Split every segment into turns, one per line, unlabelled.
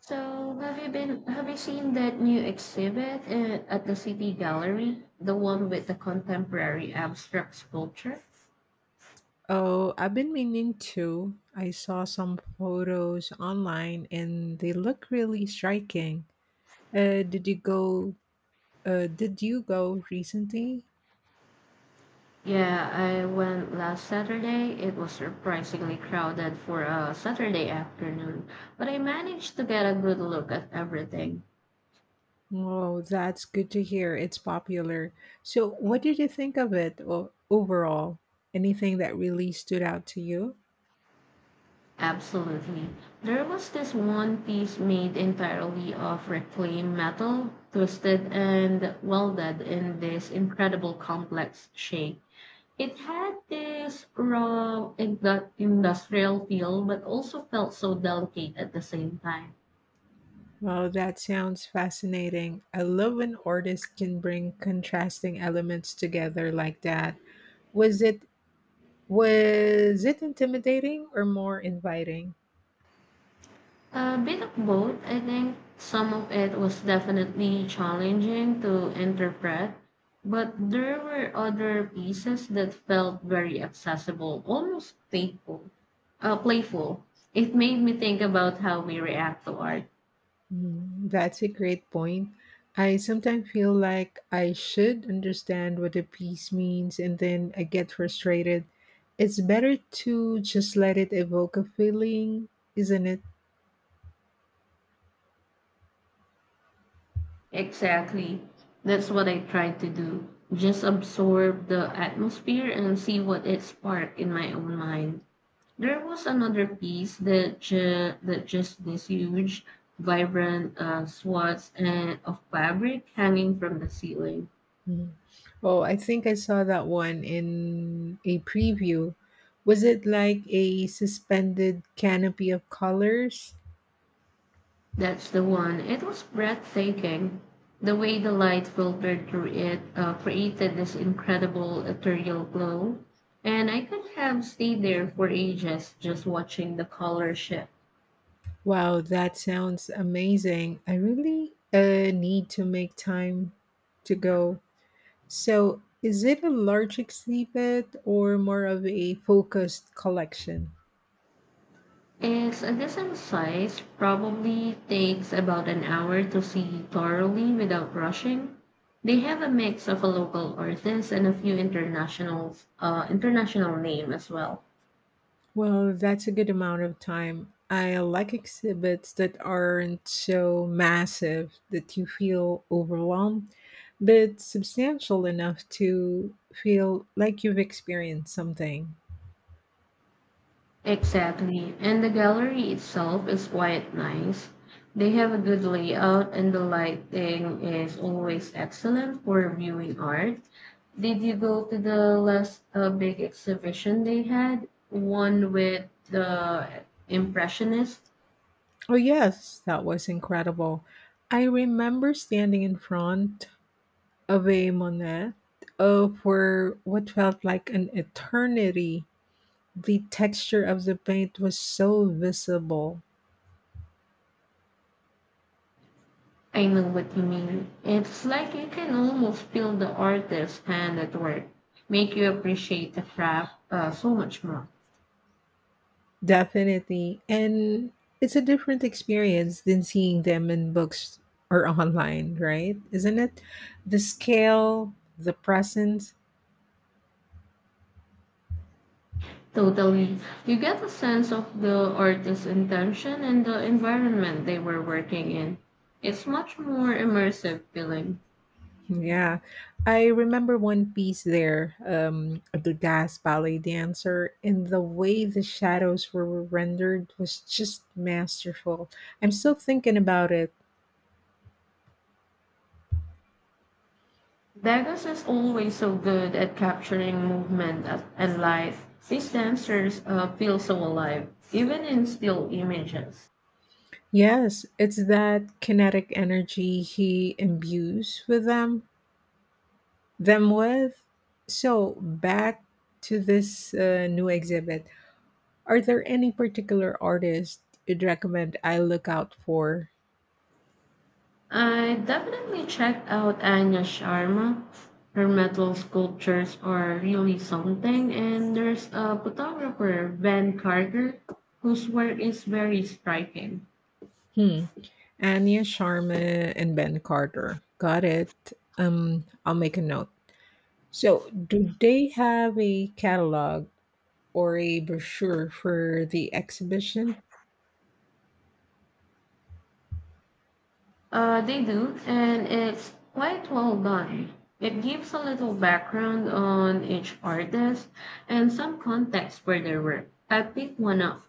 So, have you seen that new exhibit at the City Gallery, the one with the contemporary abstract sculpture?
Oh, I've been meaning to. I saw some photos online and they look really striking. Uh, did you go did you go recently?
Yeah, I went last Saturday. It was surprisingly crowded for a Saturday afternoon, but I managed to get a good look at everything.
Oh, that's good to hear. It's popular. So, what did you think of overall? Anything that really stood out to you?
Absolutely. There was this one piece made entirely of reclaimed metal, twisted and welded in this incredible complex shape. It had this raw industrial feel, but also felt so delicate at the same time.
Wow, that sounds fascinating. I love when artists can bring contrasting elements together like that. Was it, was it intimidating or more inviting?
A bit of both, I think. Some of it was definitely challenging to interpret, but there were other pieces that felt very accessible, almost playful. Uh, playful. It made me think about how we react to art.
Mm, that's a great point. I sometimes feel like I should understand what a piece means, and then I get frustrated. It's better to just let it evoke a feeling, isn't it?
Exactly. That's what I try to do. Just absorb the atmosphere and see what it sparked in my own mind. There was another piece that just this huge, vibrant swaths and of fabric hanging from the ceiling.
Mhm. Oh, I think I saw that one in a preview. Was it like a suspended canopy of colors?
That's the one. It was breathtaking. The way the light filtered through it created this incredible ethereal glow, and I could have stayed there for ages just watching the color shift.
Wow, that sounds amazing. I really need to make time to go. So, is it a large exhibit or more of a focused collection?
It's a decent size, probably takes about an hour to see thoroughly without rushing. They have a mix of a local artist and a few international name as well.
Well, that's a good amount of time. I like exhibits that aren't so massive that you feel overwhelmed, but substantial enough to feel like you've experienced something.
Exactly. And the gallery itself is quite nice. They have a good layout and the lighting is always excellent for viewing art. Did you go to the last big exhibition they had? One with the Impressionists?
Oh, yes, that was incredible. I remember standing in front of a Monet for what felt like an eternity. The texture of the paint was so visible.
I know what you mean. It's like you can almost feel the artist's hand at work, make you appreciate the craft so much more.
Definitely. And it's a different experience than seeing them in books or online, right? Isn't it? The scale, the presence.
Totally. You get a sense of the artist's intention and the environment they were working in. It's much more immersive feeling.
Yeah. I remember one piece there, of the gas ballet dancer, and the way the shadows were rendered was just masterful. I'm still thinking about it.
Degas is always so good at capturing movement and light. These dancers feel so alive, even in still images.
Yes, it's that kinetic energy he imbues with them them with. So back to this new exhibit. Are there any particular artists you'd recommend I look out for?
I definitely checked out Anya Sharma. Her metal sculptures are really something, and there's a photographer, Van Carter, whose work is very striking.
Hmm. Anya Sharma and Ben Carter. Got it. I'll make a note. So, do they have a catalog or a brochure for the exhibition?
They do, and it's quite well done. It gives a little background on each artist and some context for their work. I picked one up.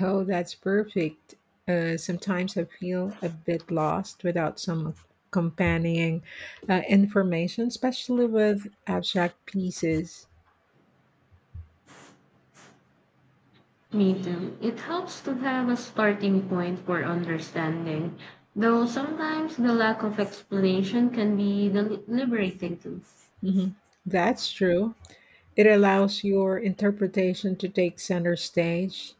Oh, that's perfect. Sometimes I feel a bit lost without some accompanying information, especially with abstract pieces.
Me too. It helps to have a starting point for understanding, though sometimes the lack of explanation can be liberating too.
Mhm. That's true. It allows your interpretation to take center stage.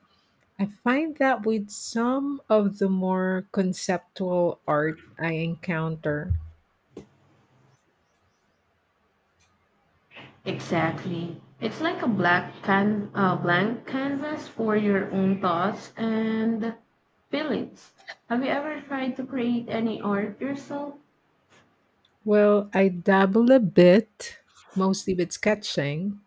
I find that with some of the more conceptual art I encounter.
Exactly. It's like a black can blank canvas for your own thoughts and feelings. Have you ever tried to create any art yourself?
Well, I dabble a bit, mostly with sketching.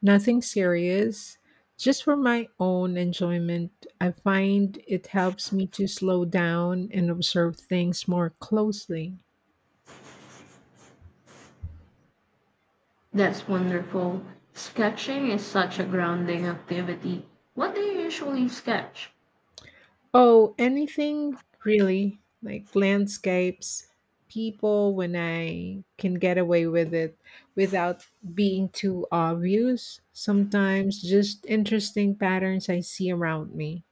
Nothing serious, just for my own enjoyment. I find it helps me to slow down and observe things more closely.
That's wonderful. Sketching is such a grounding activity. What do you usually sketch?
Oh, anything really, like landscapes, people when I can get away with it without being too obvious. Sometimes just interesting patterns I see around me.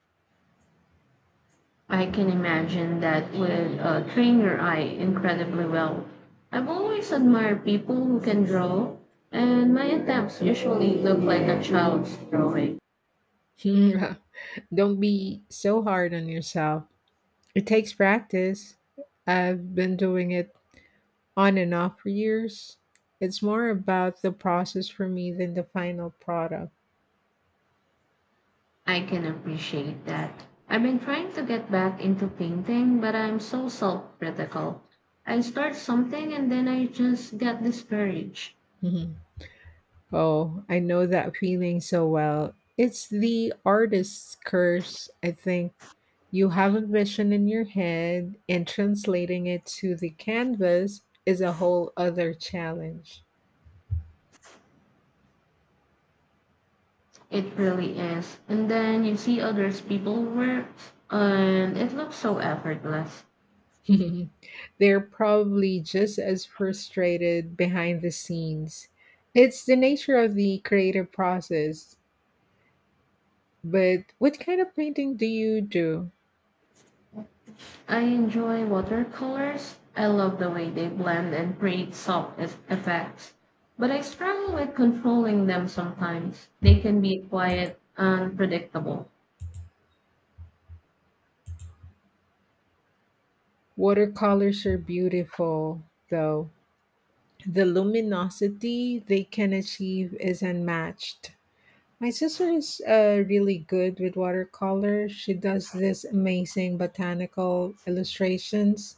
I can imagine that would train your eye incredibly well. I've always admired people who can draw, and my attempts usually look like a child's drawing.
Don't be so hard on yourself. It takes practice. I've been doing it on and off for years. It's more about the process for me than the final product.
I can appreciate that. I've been trying to get back into painting, but I'm so self critical. I start something and then I just get discouraged.
Mhm. Oh, I know that feeling so well. It's the artist's curse, I think. You have a vision in your head, and translating it to the canvas is a whole other challenge.
It really is. And then you see others people work and it looks so effortless.
They're probably just as frustrated behind the scenes. It's the nature of the creative process. But what kind of painting do you do?
I enjoy watercolors. I love the way they blend and create soft effects. But I struggle with controlling them sometimes. They can be quite unpredictable.
Watercolors are beautiful, though. The luminosity they can achieve is unmatched. My sister is really good with watercolor. She does this amazing botanical illustrations.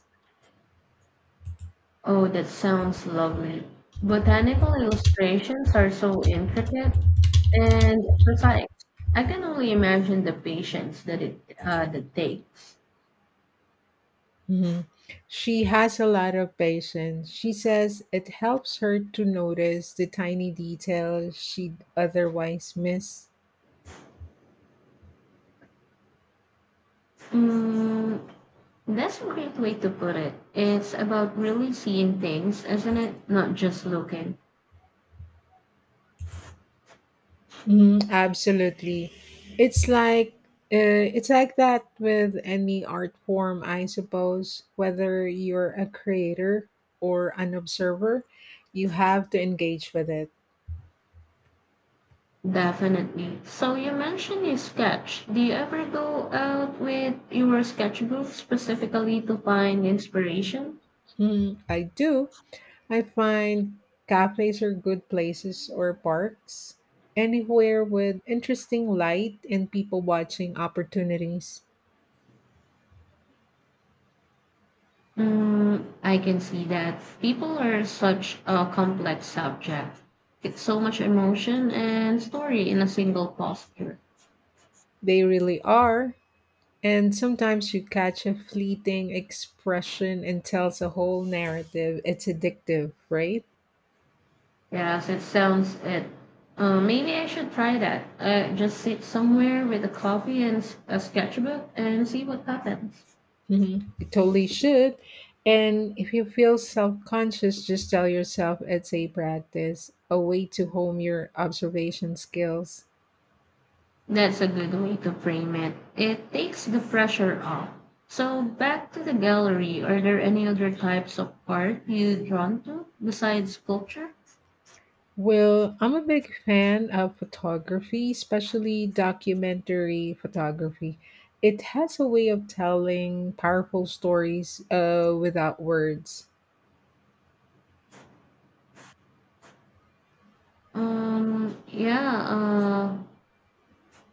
Oh, that sounds lovely. Botanical illustrations are so intricate and precise. I can only imagine the patience that it that takes.
Mhm. She has a lot of patience. She says it helps her to notice the tiny details she'd otherwise miss.
Mm, that's a great way to put it. It's about really seeing things, isn't it? Not just looking.
Mhm, absolutely. It's like it's like that with any art form, I suppose. Whether you're a creator or an observer, you have to engage with it.
Definitely. So you mentioned you sketch. Do you ever go out with your sketchbook specifically to find inspiration?
Mhm, I do. I find cafes are good places, or parks. Anywhere with interesting light and people watching opportunities.
Mm, I can see that people are such a complex subject. It's so much emotion and story in a single posture.
They really are. And sometimes you catch a fleeting expression and tells a whole narrative. It's addictive, right?
Yes, it sounds it. Maybe I should try that. Just sit somewhere with a coffee and a sketchbook and see what happens.
Mm-hmm. You totally should. And if you feel self conscious, just tell yourself it's a practice, a way to hone your observation skills.
That's a good way to frame it. It takes the pressure off. So back to the gallery, are there any other types of art you drawn to besides sculpture?
Well, I'm a big fan of photography, especially documentary photography. It has a way of telling powerful stories without words.
Um, yeah, uh,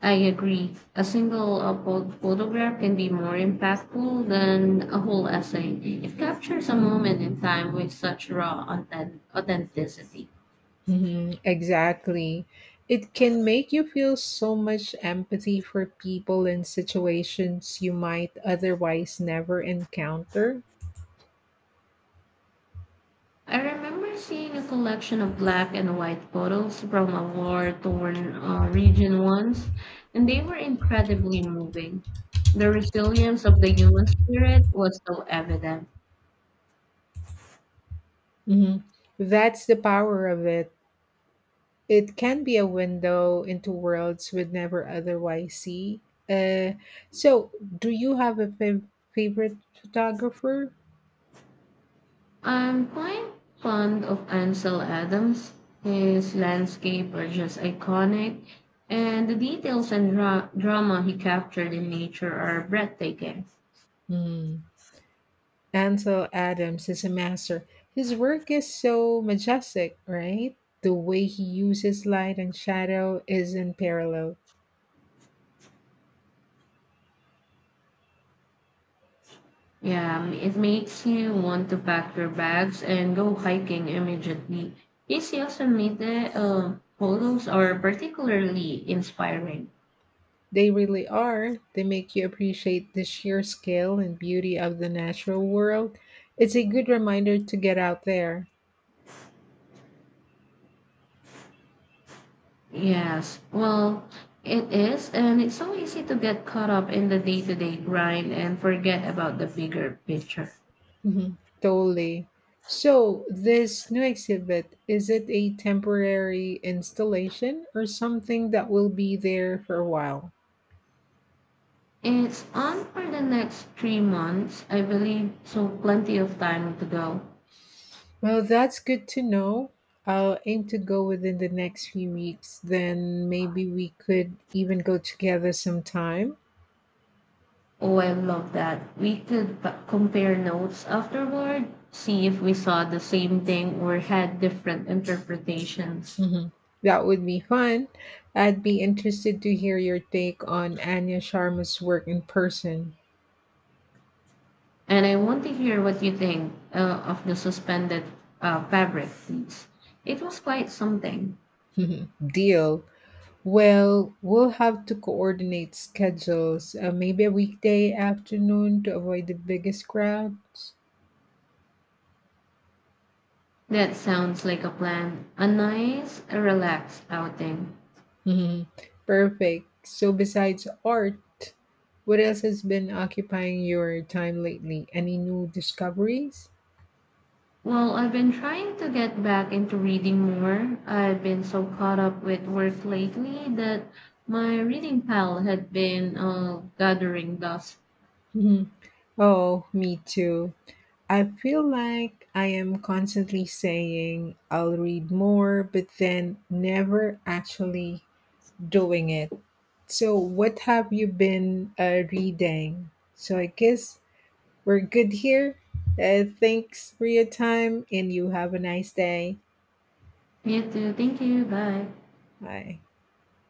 I agree. A single photograph can be more impactful than a whole essay. It captures a moment in time with such raw authenticity.
Mhm, exactly. It can make you feel so much empathy for people in situations you might otherwise never encounter.
I remember seeing a collection of black and white photos from a war-torn region once, and they were incredibly moving. The resilience of the human spirit was so evident.
Mhm. That's the power of it. It can be a window into worlds we'd never otherwise see. Uh, so, do you have a favorite photographer?
I'm quite fond of Ansel Adams. His landscape are just iconic, and the details and drama he captured in nature are breathtaking.
Hmm. Ansel Adams is a master. His work is so majestic, right? The way he uses light and shadow is unparalleled.
Yeah, it makes you want to pack your bags and go hiking immediately. These Yosemite photos are particularly inspiring.
They really are. They make you appreciate the sheer scale and beauty of the natural world. It's a good reminder to get out there.
Yes, well, it is, and it's so easy to get caught up in the day to day grind and forget about the bigger picture.
Mhm, totally. So, this new exhibit, is it a temporary installation or something that will be there for a while?
It's on for the next 3 months, I believe, so plenty of time to go.
Well, that's good to know. I'll aim to go within the next few weeks. Then maybe we could even go together sometime.
Oh, I love that. We could compare notes afterward, see if we saw the same thing or had different interpretations.
Hmm. That would be fun. I'd be interested to hear your take on Anya Sharma's work in person.
And I want to hear what you think of the suspended fabric, please. It was quite something.
Deal. Well, we'll have to coordinate schedules. Maybe a weekday afternoon to avoid the biggest crowds.
That sounds like a plan. A nice, relaxed outing.
Mhm. Perfect. So, besides art, what else has been occupying your time lately? Any new discoveries?
Well, I've been trying to get back into reading more. I've been so caught up with work lately that my reading pile had been gathering dust.
Mhm. Oh, me too. I feel like I am constantly saying I'll read more, but then never actually doing it. So, what have you been reading? So, I guess we're good here. Thanks for your time, and you have a nice day.
Me too. Thank you. Bye.
Bye.